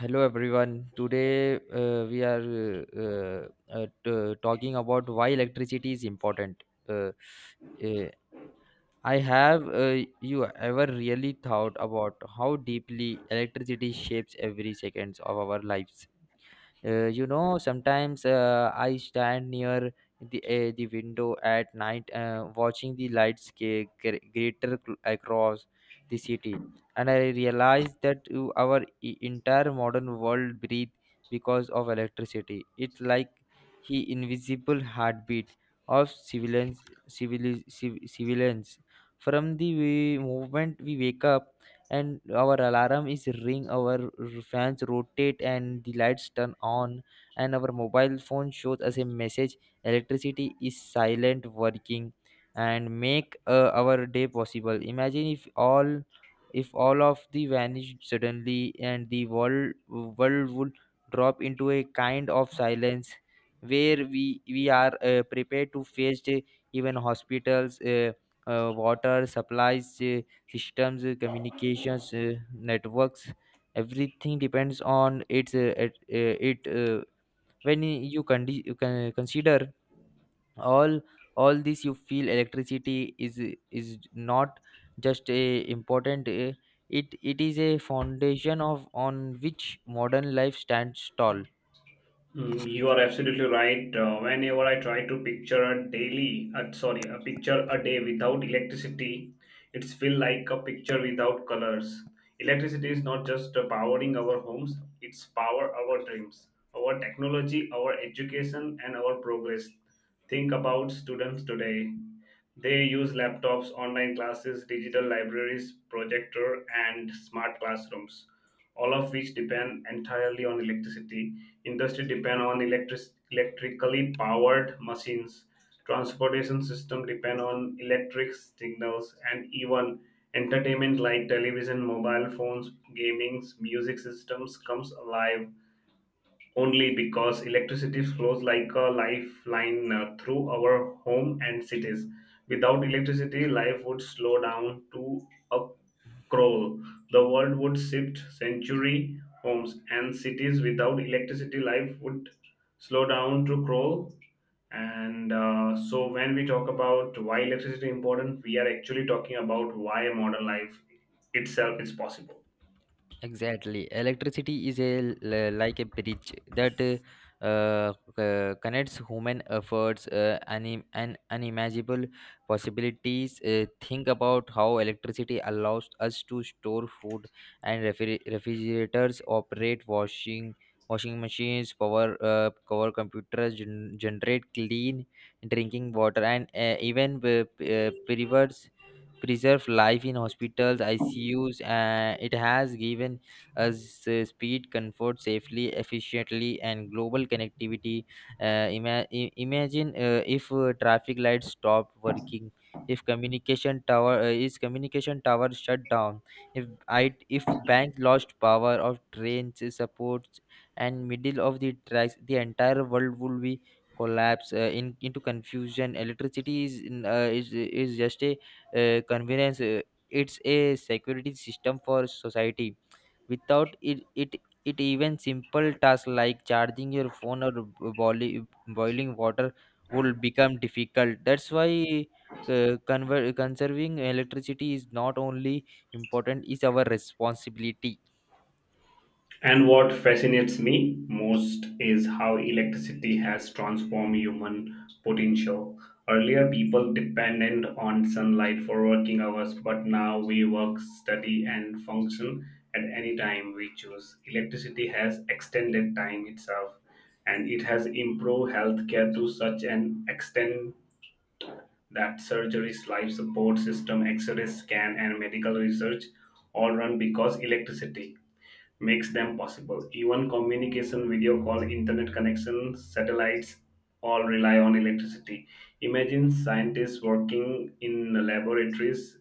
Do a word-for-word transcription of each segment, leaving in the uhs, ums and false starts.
Hello everyone. Today uh, we are uh, uh, t- talking about why electricity is important. Uh, uh, I have uh, you ever really thought about how deeply electricity shapes every seconds of our lives? Uh, you know, sometimes uh, I stand near the uh, the window at night, uh, watching the lights get greater cl- across the city, and I realize that uh, our e- entire modern world breathes because of electricity. It's like he invisible heartbeat of civilians, civili- civ- civilians. From the way movement we wake up and our alarm is ring our r- fans rotate and the lights turn on and our mobile phone shows us a message. Electricity is silent working and make uh, our day possible. Imagine if all if all of the vanished suddenly and the world world would drop into a kind of silence where we we are uh, prepared to face, uh, even hospitals, uh, uh, water supplies, uh, systems, uh, communications, uh, networks. Everything depends on its uh, at, uh, it. Uh, when you can you can consider all all this, you feel electricity is is not just a important. Uh, it it is a foundation of on which modern life stands tall. Mm, You are absolutely right. Uh, whenever I try to picture a daily, uh, sorry, a picture a day without electricity, it's feel like a picture without colors. Electricity is not just uh, powering our homes; it's power our dreams, our technology, our education, and our progress. Think about students today. They use laptops, online classes, digital libraries, projector, and smart classrooms all of which depend entirely on electricity. Industry depend on electric electrically powered machines. Transportation system depend on electric signals, and even entertainment like television, mobile phones, gaming, music systems comes alive only because electricity flows like a lifeline uh, through our home and cities. Without electricity, life would slow down to a Kroll, the world would shift century homes and cities without electricity. Life would slow down to Kroll. And uh, so, when we talk about why electricity is important, we are actually talking about why modern life itself is possible. Exactly. Electricity is a l- like a bridge that uh, uh, c- connects human efforts uh, anim- and unimaginable possibilities. Uh, think about how electricity allows us to store food and refri- refrigerators operate washing washing machines power uh, power computers gen- generate clean drinking water and uh, even uh, p- uh, preserve life in hospitals, I C Us. Uh, it has given us uh, speed, comfort, safely, efficiently, and global connectivity. Uh, ima- i- imagine uh, if uh, traffic lights stop working, if communication tower uh, is communication tower shut down, if I if bank lost power, of trains uh, supports, and middle of the tracks, the entire world would be collapse uh, in, into confusion. Electricity is in, uh, is is just a uh, convenience. uh, It's a security system for society. Without it, it, it even simple tasks like charging your phone or boiling boiling water would become difficult. That's why uh, conver- conserving electricity is not only important; it's our responsibility. And what fascinates me most is how electricity has transformed human potential. Earlier, people depended on sunlight for working hours, but now we work, study, and function at any time we choose. Electricity has extended time itself, and it has improved healthcare to such an extent that surgeries, life support system, X-ray scan, and medical research all run because electricity makes them possible. Even communication, video call, internet connection, satellites all rely on electricity. Imagine scientists working in laboratories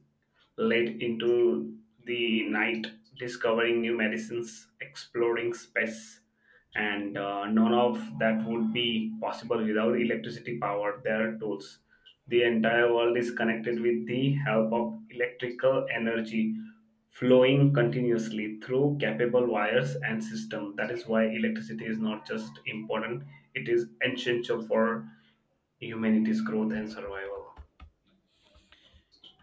late into the night, discovering new medicines, exploring space. And uh, none of that would be possible without electricity power, their tools. The entire world is connected with the help of electrical energy flowing continuously through capable wires and system. That is why electricity is not just important, it is essential for humanity's growth and survival.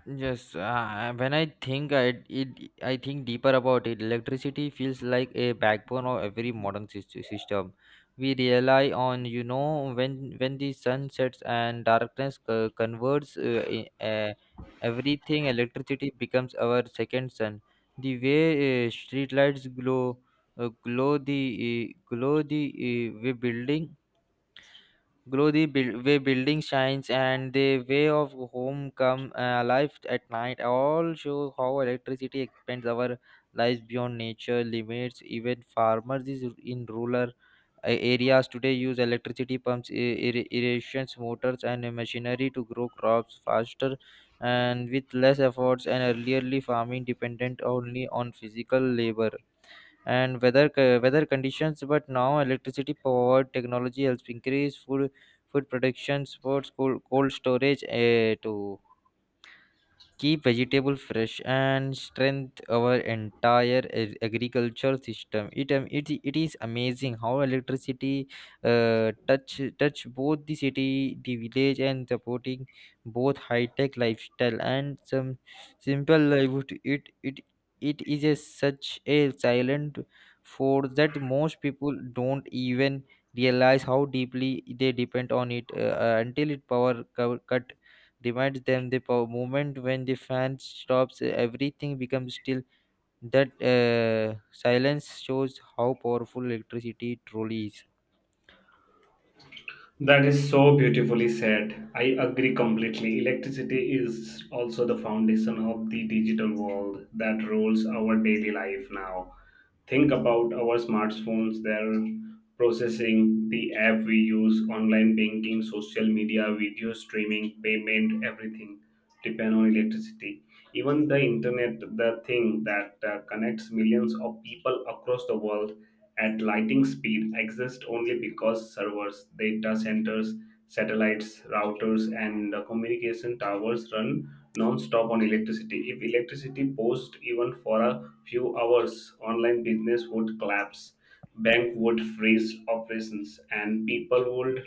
Yes, uh, when I think I it I think deeper about it, electricity feels like a backbone of every modern sys- system. We rely on you know when when the sun sets and darkness co- converts uh, i- uh, everything, electricity becomes our second sun. The way uh, street lights glow, uh, glow the uh, glow the uh, we building Glow the build, way building shines and the way of home come uh, alive at night all show how electricity expands our lives beyond nature limits. Even farmers is in rural uh, areas today use electricity pumps, ir- ir- irrigation motors, and machinery to grow crops faster and with less efforts. And earlierly farming dependent only on physical labor and weather co- weather conditions but now electricity powered technology helps increase food food production sports cold, cold storage uh, to keep vegetable fresh and strengthen our entire ag- agriculture system. It, um, it, it is amazing how electricity uh, touch touch both the city the village and supporting both high tech lifestyle and some simple livelihood. It it it is a, such a silent force that most people don't even realize how deeply they depend on it uh, uh, until it power co- cut reminds them the po- moment when the fan stops, everything becomes still. That uh, silence shows how powerful electricity truly is. That is so beautifully said. I agree completely. Electricity is also the foundation of the digital world that rules our daily life now. Think about our smartphones, their processing, the app we use, online banking, social media, video streaming, payment, everything depend on electricity. Even the internet, the thing that uh, connects millions of people across the world at lightning speed exist only because servers, data centers, satellites, routers, and uh, communication towers run non-stop on electricity. If electricity paused even for a few hours, online business would collapse, bank would freeze operations, and people would l-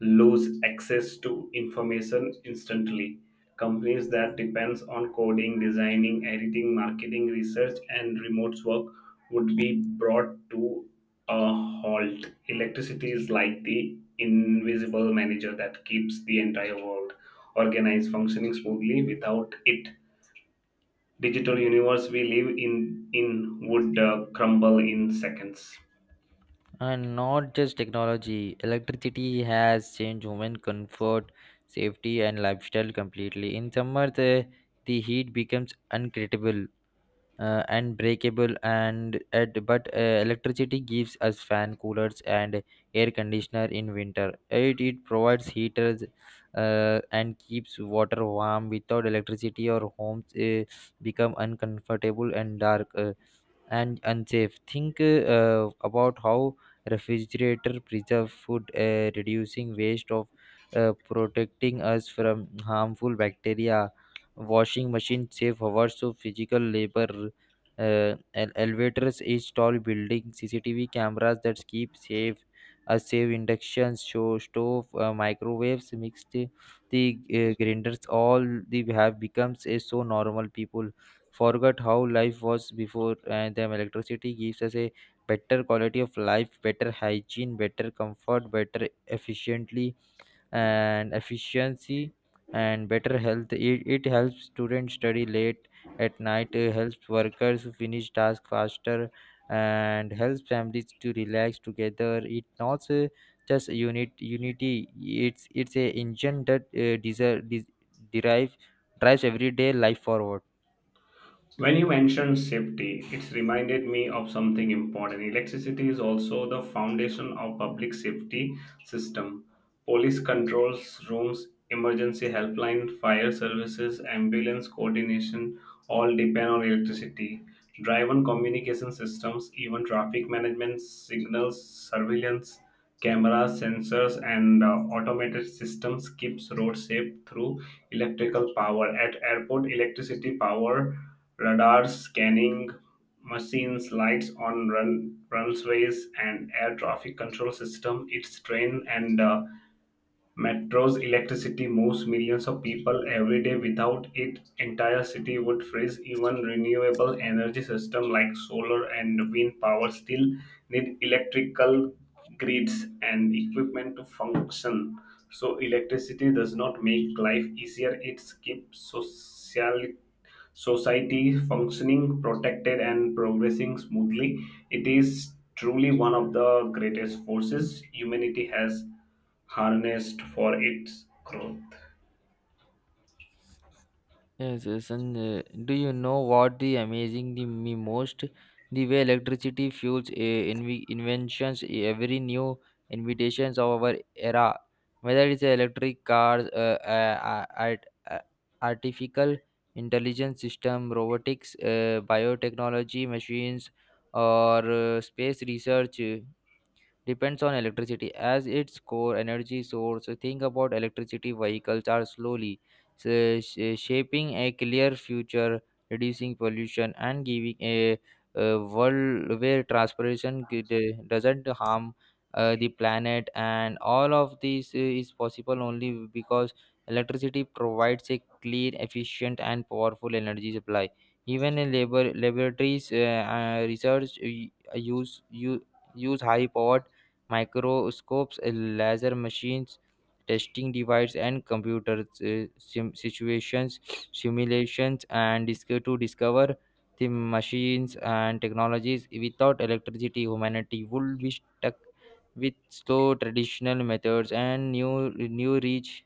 lose access to information instantly. Companies that depends on coding, designing, editing, marketing, research, and remote work would be brought to a halt. Electricity is like the invisible manager that keeps the entire world organized, functioning smoothly. Without it, digital universe we live in in would uh, crumble in seconds. And not just technology, electricity has changed human comfort, safety, and lifestyle completely. In summer, the, the heat becomes unbeatable uh, and breakable and at but uh, electricity gives us fan coolers and air conditioner. In winter it, it provides heaters uh, and keeps water warm. Without electricity our homes uh, become uncomfortable and dark, Uh, and unsafe. Think uh, about how refrigerator preserve food, uh, reducing waste of, uh, protecting us from harmful bacteria. Washing machine save hours of physical labor. Uh, el- elevators each tall building, C C T V cameras that keep safe, uh, save inductions, show stove, uh, microwaves, mixed the uh, grinders. All the have becomes a so normal people forgot how life was before and them. Electricity gives us a better quality of life, better hygiene, better comfort, better efficiently and efficiency and better health. It, it helps students study late at night, uh, helps workers finish tasks faster and helps families to relax together. It not uh, just unit unity, it's it's a engine that uh, deserve, des- derive drives everyday life forward. When you mentioned safety, it's reminded me of something important. Electricity is also the foundation of public safety system. Police controls rooms, emergency helpline, fire services, ambulance coordination all depend on electricity. Drive and communication systems, even traffic management, signals, surveillance, cameras, sensors, and uh, automated systems keeps roads safe through electrical power. At airport, electricity power Radars, scanning machines, lights on run, runways, and air traffic control system. Its train and uh, metro's electricity moves millions of people every day. Without it, entire city would freeze. Even renewable energy system like solar and wind power still need electrical grids and equipment to function. So electricity does not make life easier. It keeps social society functioning, protected, and progressing smoothly. It is truly one of the greatest forces humanity has harnessed for its growth. Yes, yes, and uh, do you know what the amazing the me most? The way electricity fuels uh, inv- inventions, eh, every new invitations of our era, whether it's electric cars, uh, uh, art, uh, artificial intelligence system, robotics, uh, biotechnology machines, or uh, space research depends on electricity as its core energy source. Think about electricity vehicles are slowly sh- sh- shaping a clear future, reducing pollution and giving a, uh world where transportation g- d- doesn't harm uh, the planet. And all of this uh, is possible only because electricity provides a clean, efficient, and powerful energy supply. Even in labor laboratories, uh, uh, research uh, use, use use high powered microscopes, uh, laser machines, testing devices, and computer uh, sim- situations, simulations, and dis- to discover the machines and technologies. Without electricity, humanity would be stuck with slow traditional methods and new new reach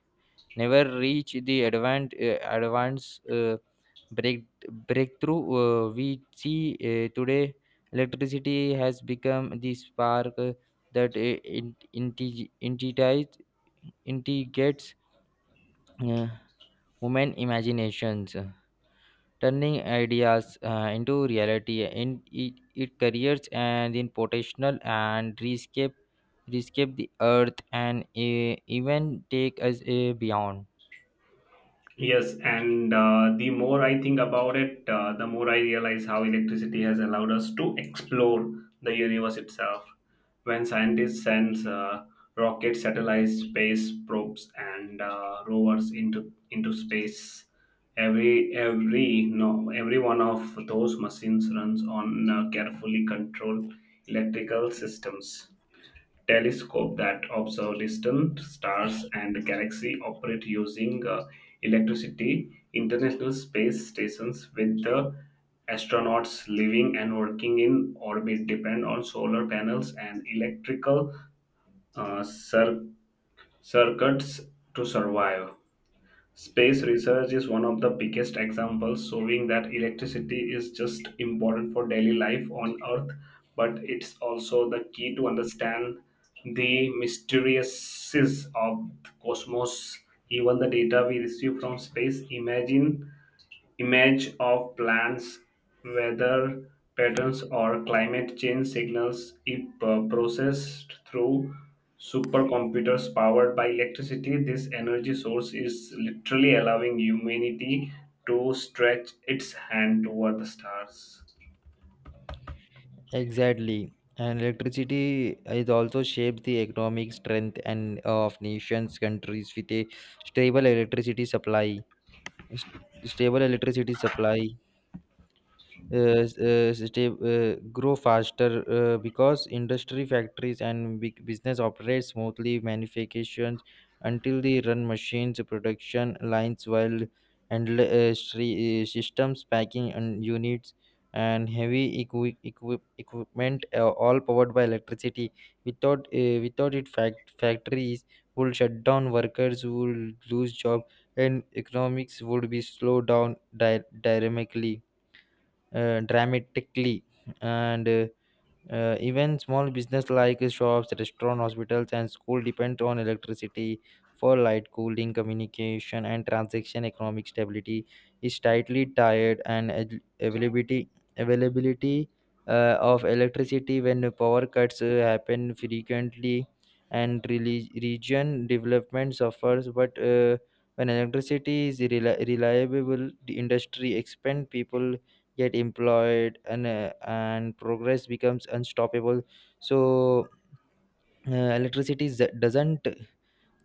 never reach the advanced uh, advanced uh, break breakthrough uh, we see uh, today. Electricity has become the spark uh, that uh, in- integ- integrates integrates uh, human imaginations, uh, turning ideas uh, into reality in it, it careers and in potential and rescape rescape the earth and uh, even take us uh, beyond. Yes, and uh, the more I think about it, uh, the more I realize how electricity has allowed us to explore the universe itself. When scientists send uh, rockets, satellites, space probes, and uh, rovers into into space, every every no every one of those machines runs on uh, carefully controlled electrical systems. Telescope that observe distant stars and galaxies operate using uh, electricity. International space stations with the astronauts living and working in orbit depend on solar panels and electrical uh, cir- circuits to survive. Space research is one of the biggest examples showing that electricity is just important for daily life on Earth, but it's also the key to understand the mysteries of the cosmos. Even the data we receive from space, imagine Image of plants, weather patterns, or climate change signals, if uh, processed through supercomputers powered by electricity, this energy source is literally allowing humanity to stretch its hand toward the stars. Exactly. And electricity is also shaped the economic strength and uh, of nations, countries with a stable electricity supply. St- stable electricity supply uh, s- uh, stay uh, grow faster uh, because industry factories and big business operate smoothly manufacturing until they run machines production lines while and uh, stre- uh, systems packing and units and heavy equi- equi- equipment uh, all powered by electricity. Without uh, without it fact- factories will shut down, workers will lose job, and economics would be slowed down di- dynamically uh, dramatically, and uh, uh, even small business like shops restaurant hospitals and school depend on electricity for light cooling communication and transaction. Economic stability is tightly tied and ad- availability availability uh, of electricity. When power cuts uh, happen frequently and reli- region development suffers, but uh, when electricity is reli- reliable the industry expand, people get employed and uh, and progress becomes unstoppable. So uh, electricity z- doesn't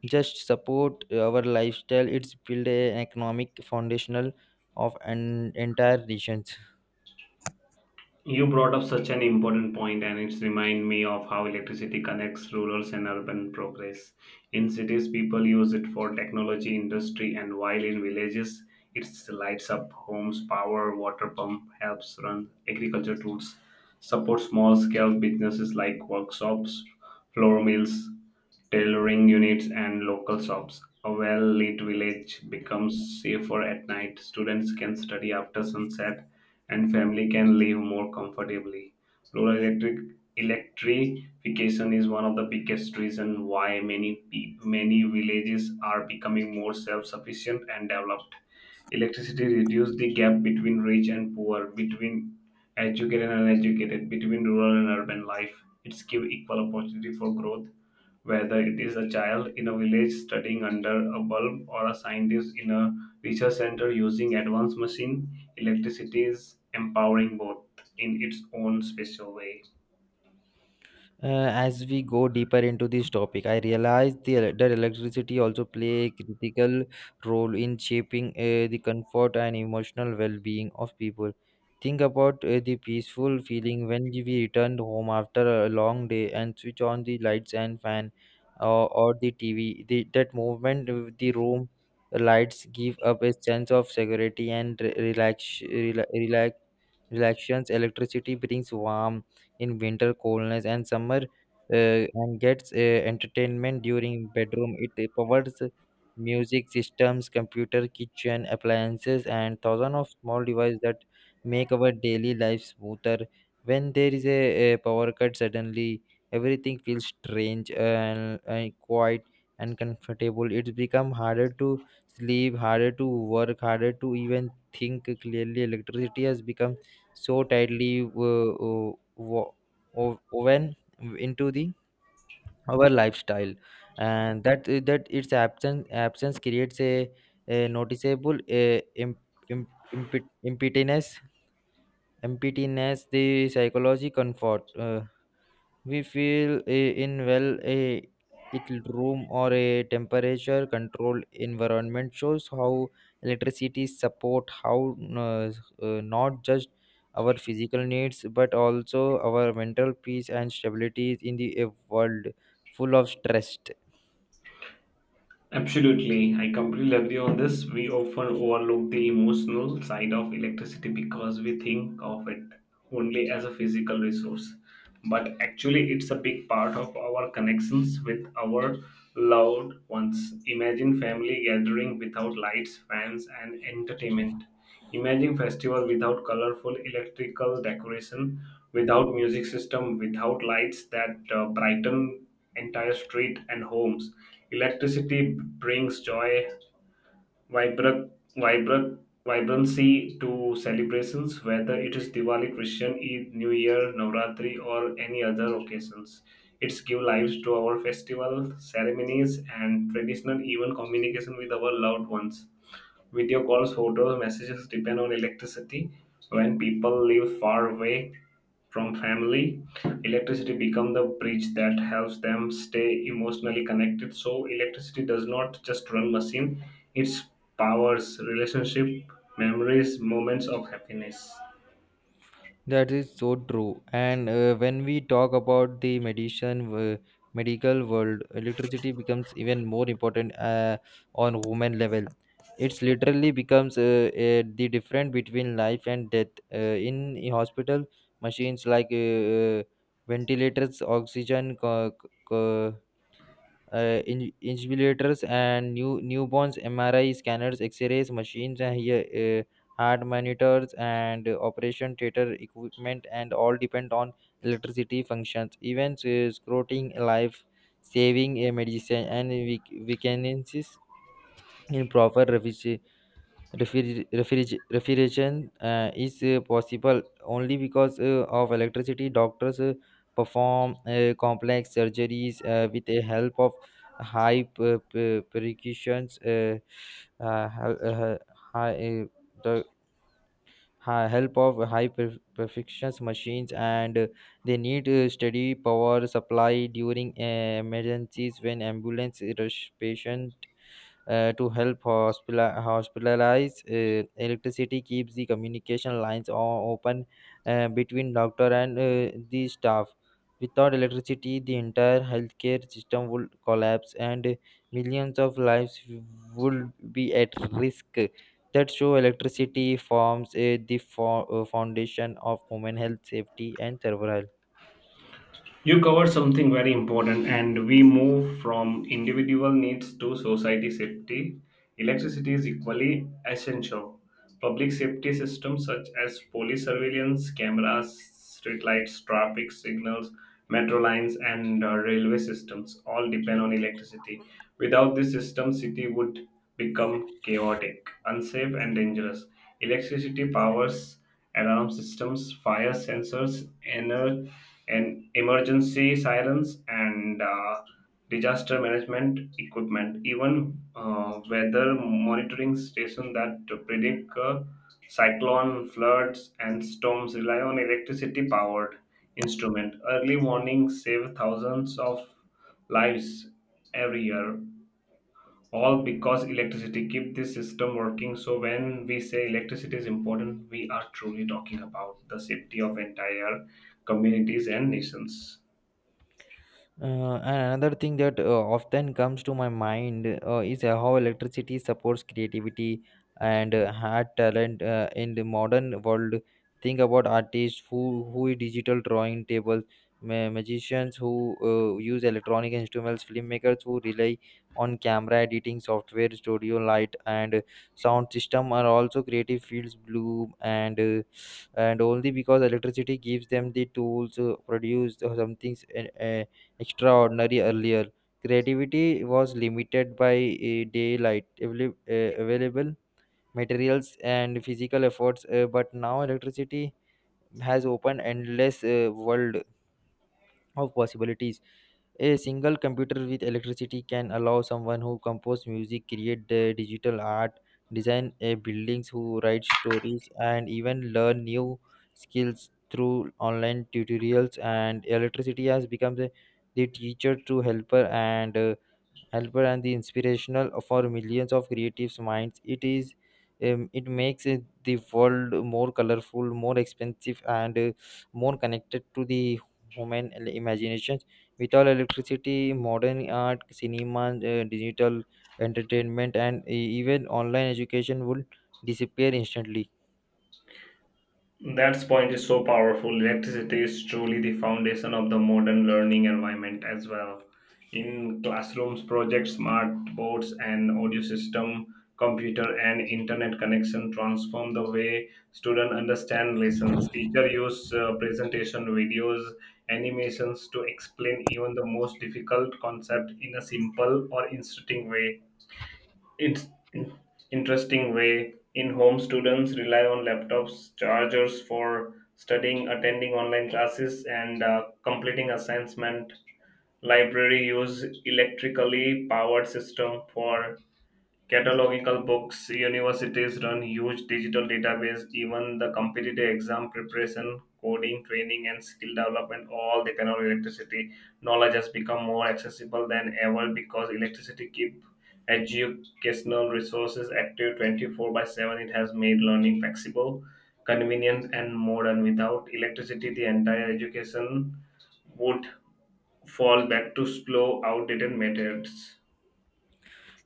just support our lifestyle, it's build an economic foundational of an entire region. You brought up such an important point, and it's remind me of how electricity connects rural and urban progress. In cities, people use it for technology, industry, and while in villages, it lights up homes, power, water pump, helps run agriculture tools, support small-scale businesses like workshops, flour mills, tailoring units, and local shops. A well-lit village becomes safer at night. Students can study after sunset and family can live more comfortably. Rural electric electrification is one of the biggest reasons why many pe- many villages are becoming more self-sufficient and developed. Electricity reduces the gap between rich and poor, between educated and uneducated, between rural and urban life. It's give equal opportunity for growth whether it is a child in a village studying under a bulb or a scientist in a research center using advanced machine, electricity is empowering both in its own special way. Uh, as we go deeper into this topic, I realize the, el- that electricity also play a critical role in shaping uh, the comfort and emotional well-being of people. Think about uh, the peaceful feeling when we return home after a long day and switch on the lights and fan, uh, or the T V. The, that movement, of the room lights give up a sense of security and re- relax, rela- relax, relaxations. Electricity brings warmth in winter coldness and summer uh, and gets uh, entertainment during bedroom. It powers music systems computer kitchen appliances and thousands of small devices that make our daily life smoother. When there is a, a power cut suddenly everything feels strange and, and quiet and comfortable. It's become harder to sleep, harder to work, harder to even think clearly. Electricity has become so tightly uh, uh, wo- o- woven into the our lifestyle and that that its absence absence creates a, a noticeable a, imp, imp, impet- impetinence impediness. The psychology comfort uh, we feel eh, in well a little room or a temperature controlled environment shows how electricity support how uh, uh, not just our physical needs but also our mental peace and stability in the a world full of stress. Absolutely, I completely agree on this. We often overlook the emotional side of electricity because we think of it only as a physical resource. But actually, it's a big part of our connections with our loved ones. Imagine family gathering without lights, fans, and entertainment. Imagine festival without colorful electrical decoration, without music system, without lights that uh, brighten entire street and homes. Electricity brings joy, vibrant, vibrant, vibrancy to celebrations, whether it is Diwali, Christian Eid, New Year, Navratri, or any other occasions. It's give lives to our festival ceremonies and traditional even communication with our loved ones. Video calls, photos, messages depend on electricity. When people live far away from family, electricity becomes the bridge that helps them stay emotionally connected. So electricity does not just run machine; it powers relationship, memories, moments of happiness. That is so true. And uh, when we talk about the medicine, uh, medical world, electricity becomes even more important uh, on human level. It's literally becomes uh, uh, the difference between life and death. Uh, in a hospital, machines like uh, uh, ventilators, oxygen co- co- uh, in- insulators and new newborns M R I scanners, X-rays machines, and here, uh, heart monitors and uh, operation theater equipment, and all depend on electricity functions. Events, uh, scroting life saving uh, medicine and weak- weaknesses in proper refis- refriger- refriger- refrigeration uh, is uh, possible only because uh, of electricity. Doctors uh, perform uh, complex surgeries uh, with the help of high per- per- percussions, uh, uh, hel- uh, high, uh, the hi- help of high per- perfections machines, and uh, they need uh, steady power supply during uh, emergencies when ambulance rush patient uh, to help hospital- hospitalize. Uh, electricity keeps the communication lines o- open, uh, between doctor and uh, the staff. Without electricity, the entire healthcare system would collapse and millions of lives would be at risk. That show electricity forms uh, the fo- uh, foundation of human health, safety, and survival. You covered something very important, and we move from individual needs to society safety. Electricity is equally essential. Public safety systems such as police surveillance, cameras, streetlights, traffic signals, metro lines, and uh, railway systems all depend on electricity. Without this system, city would become chaotic, unsafe, and dangerous. Electricity powers alarm systems, fire sensors, ener- and emergency sirens, and uh, disaster management equipment. Even uh, weather monitoring stations that predict uh, cyclone, floods, and storms rely on electricity-powered instrument. Early warnings save thousands of lives every year, all because electricity keep this system working. So when we say electricity is important, we are truly talking about the safety of entire communities and nations. Uh, and another thing that uh, often comes to my mind uh, is uh, how electricity supports creativity and uh, had talent uh, in the modern world. Think about artists who who digital drawing tables, ma- magicians who uh, use electronic instruments, filmmakers who rely on camera editing software, studio light, and sound system are also creative fields. Blue and uh, and only because electricity gives them the tools to produce something extraordinary earlier. Creativity was limited by eh, daylight, avail- eh, available materials, and physical efforts, eh, but now electricity has opened endless eh, world of possibilities. A single computer with electricity can allow someone who compose music, create the digital art, design a buildings, who write stories, and even learn new skills through online tutorials. And electricity has become the, the teacher to helper and uh, helper and the inspirational for millions of creative minds. It is um, it makes uh, the world more colorful, more expensive, and uh, more connected to the human el- imaginations. Without electricity, modern art, cinema, uh, digital entertainment, and e- even online education would disappear instantly. That point is so powerful. Electricity is truly the foundation of the modern learning environment as well. In classrooms, projects, smart boards, and audio system, computer and internet connection transform the way students understand lessons. Teacher use uh, presentation videos, animations to explain even the most difficult concept in a simple or interesting way. it's in- Interesting way in home, students rely on laptops, chargers for studying, attending online classes, and uh, completing assignment. Library use electrically powered system for Catalogical books, universities run huge digital database, even the competitive exam preparation, coding, training, and skill development, all depend on electricity. Knowledge has become more accessible than ever because electricity keep educational resources active twenty-four by seven. It has made learning flexible, convenient, and modern. Without electricity, the entire education would fall back to slow, outdated methods.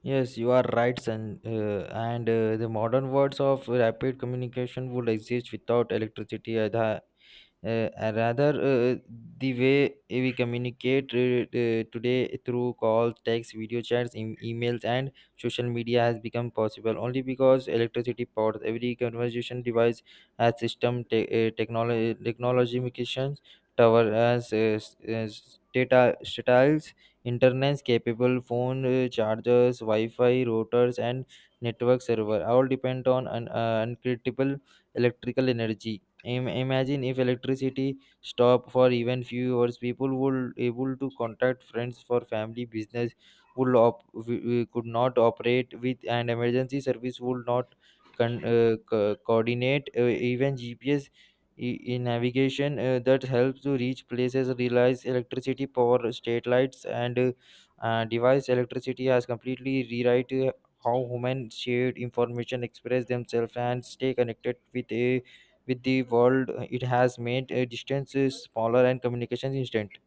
Yes, you are right, son. Uh, and uh, The modern words of rapid communication would exist without electricity either. Uh, uh, rather uh, The way we communicate uh, uh, today through calls, text, video chats, em- emails, and social media has become possible only because electricity powers every conversation device. Has system te- uh, technology technology communications tower as uh, s- as data satellites, internet capable phone, uh, chargers, wi-fi routers, and network server all depend on an uh, uncritical electrical energy. Im- imagine if electricity stopped for even few hours, people would able to contact friends for family. Business would op- w- w- could not operate with, and emergency service would not con- uh, co- coordinate. Uh, even gps in navigation uh, that helps to reach places relies electricity power state lights, and uh, uh, device. Electricity has completely rewrite uh, how humans shared information, express themselves, and stay connected with a with the world. It has made uh, distances smaller and communications instant.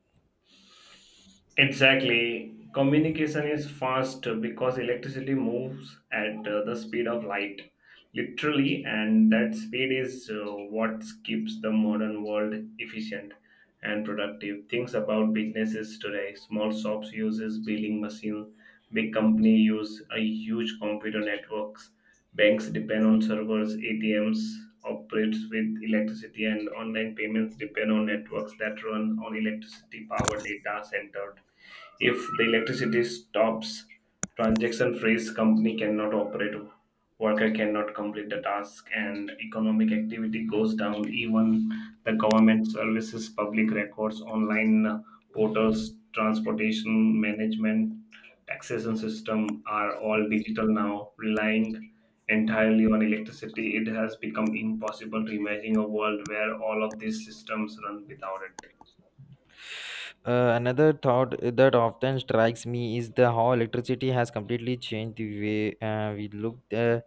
Exactly. Communication is fast because electricity moves at uh, the speed of light, literally, and that speed is uh, what keeps the modern world efficient and productive. Things about businesses today. Small shops uses billing machine, big company use a huge computer networks. Banks depend on servers, A T Ms operates with electricity, and online payments depend on networks that run on electricity power data center. If the electricity stops, transaction freeze, company cannot operate, worker cannot complete the task, and economic activity goes down. Even the government services, public records, online portals, transportation management, taxation system are all digital now, relying entirely on electricity. It has become impossible to imagine a world where all of these systems run without it. Uh, another thought that often strikes me is the how electricity has completely changed the way uh, we look uh,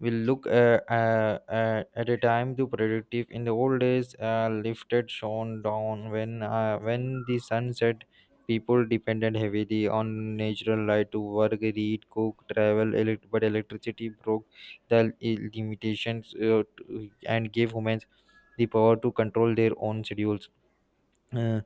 we look uh, uh, uh, at a time to productive. In the old days, uh, lifted shone down when uh, when the sun set. People depended heavily on natural light to work, read, cook, travel. Elect- but electricity broke the limitations uh, to- and gave humans the power to control their own schedules. uh,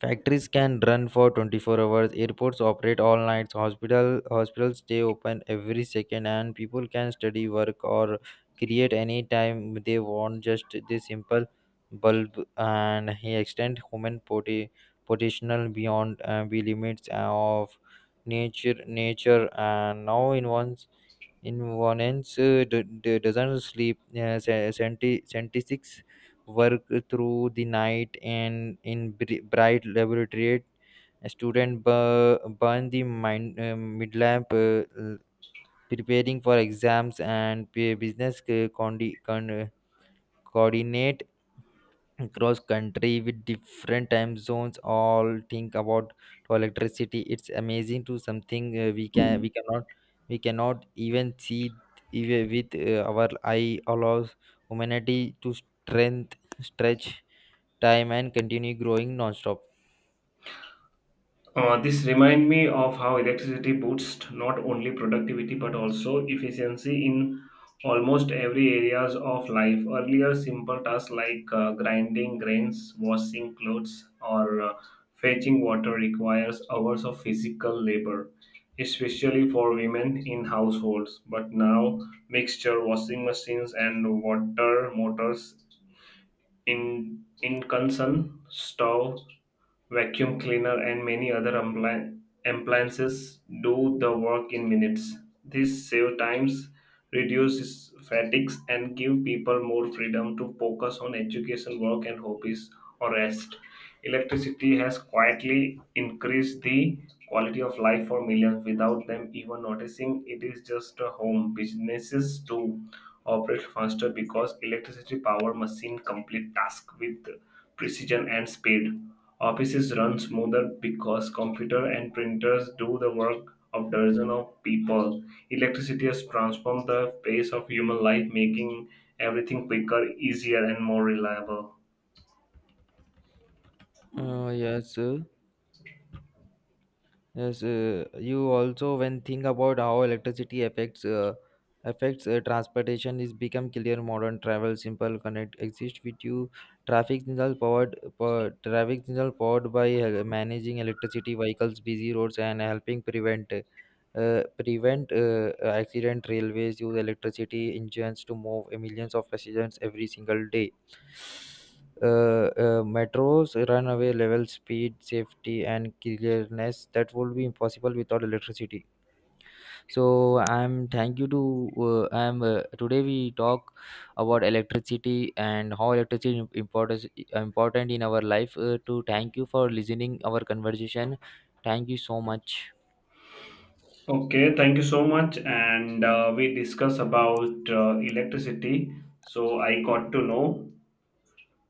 Factories can run for twenty-four hours, airports operate all nights, hospital hospitals stay open every second, and people can study, work, or create any time they want. Just this simple bulb and he extend human poti- potential beyond uh, the limits of nature nature. And now in one's in one ends uh, d- d- doesn't sleep, uh, se- seventy seventy-six work through the night, and in bri- bright laboratory. A student bu- burn the mind, uh, mid lamp, uh, l- preparing for exams, and p- business uh, condi- con- uh, coordinate across country with different time zones. All think about to electricity. It's amazing to something uh, we can we cannot we cannot even see, even with uh, our eye, allows humanity to strength stretch time and continue growing non-stop. Uh, this remind me of how electricity boosts not only productivity but also efficiency in almost every areas of life. Earlier, simple tasks like uh, grinding grains, washing clothes, or uh, fetching water requires hours of physical labor, especially for women in households. But now, mixture washing machines and water motors in incursion, stove, vacuum cleaner, and many other ampli- appliances do the work in minutes. This save times, reduces fatigues, and give people more freedom to focus on education, work, and hobbies or rest. Electricity has quietly increased the quality of life for millions without them even noticing. It is just a home. Businesses too operate faster because electricity power machine complete task with precision and speed. Offices run smoother because computer and printers do the work of dozens of people. Electricity has transformed the pace of human life, making everything quicker, easier, and more reliable. Uh, yes, uh, yes. Uh, you also when think about how electricity affects uh, affects uh, transportation is become clear. Modern travel simple connect exist with you. Traffic signal powered power, traffic signal powered by uh, managing electricity vehicles, busy roads, and helping prevent uh, prevent uh, uh, accident. Railways use electricity engines to move millions of passengers every single day. Uh, uh, metros runaway level speed, safety, and clearness that would be impossible without electricity. So I'm thank you to uh, I'm uh, today we talk about electricity and how electricity important important in our life. Uh, to thank you for listening our conversation. Thank you so much. Okay, thank you so much. And uh, we discuss about uh, electricity. So I got to know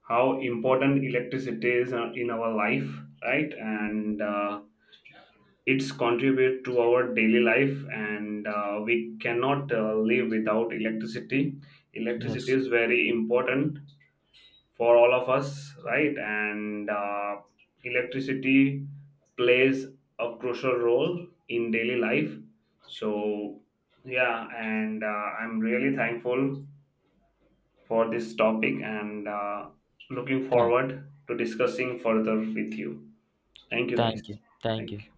how important electricity is uh, in our life, right? And uh, it's contribute to our daily life, and uh, we cannot uh, live without electricity electricity Yes. is very important for all of us, right? And uh, electricity plays a crucial role in daily life. So yeah, and uh, I'm really thankful for this topic, and uh, looking Thank. forward to discussing further with you. Thank you, guys. Thank you. Thank Thank you. you.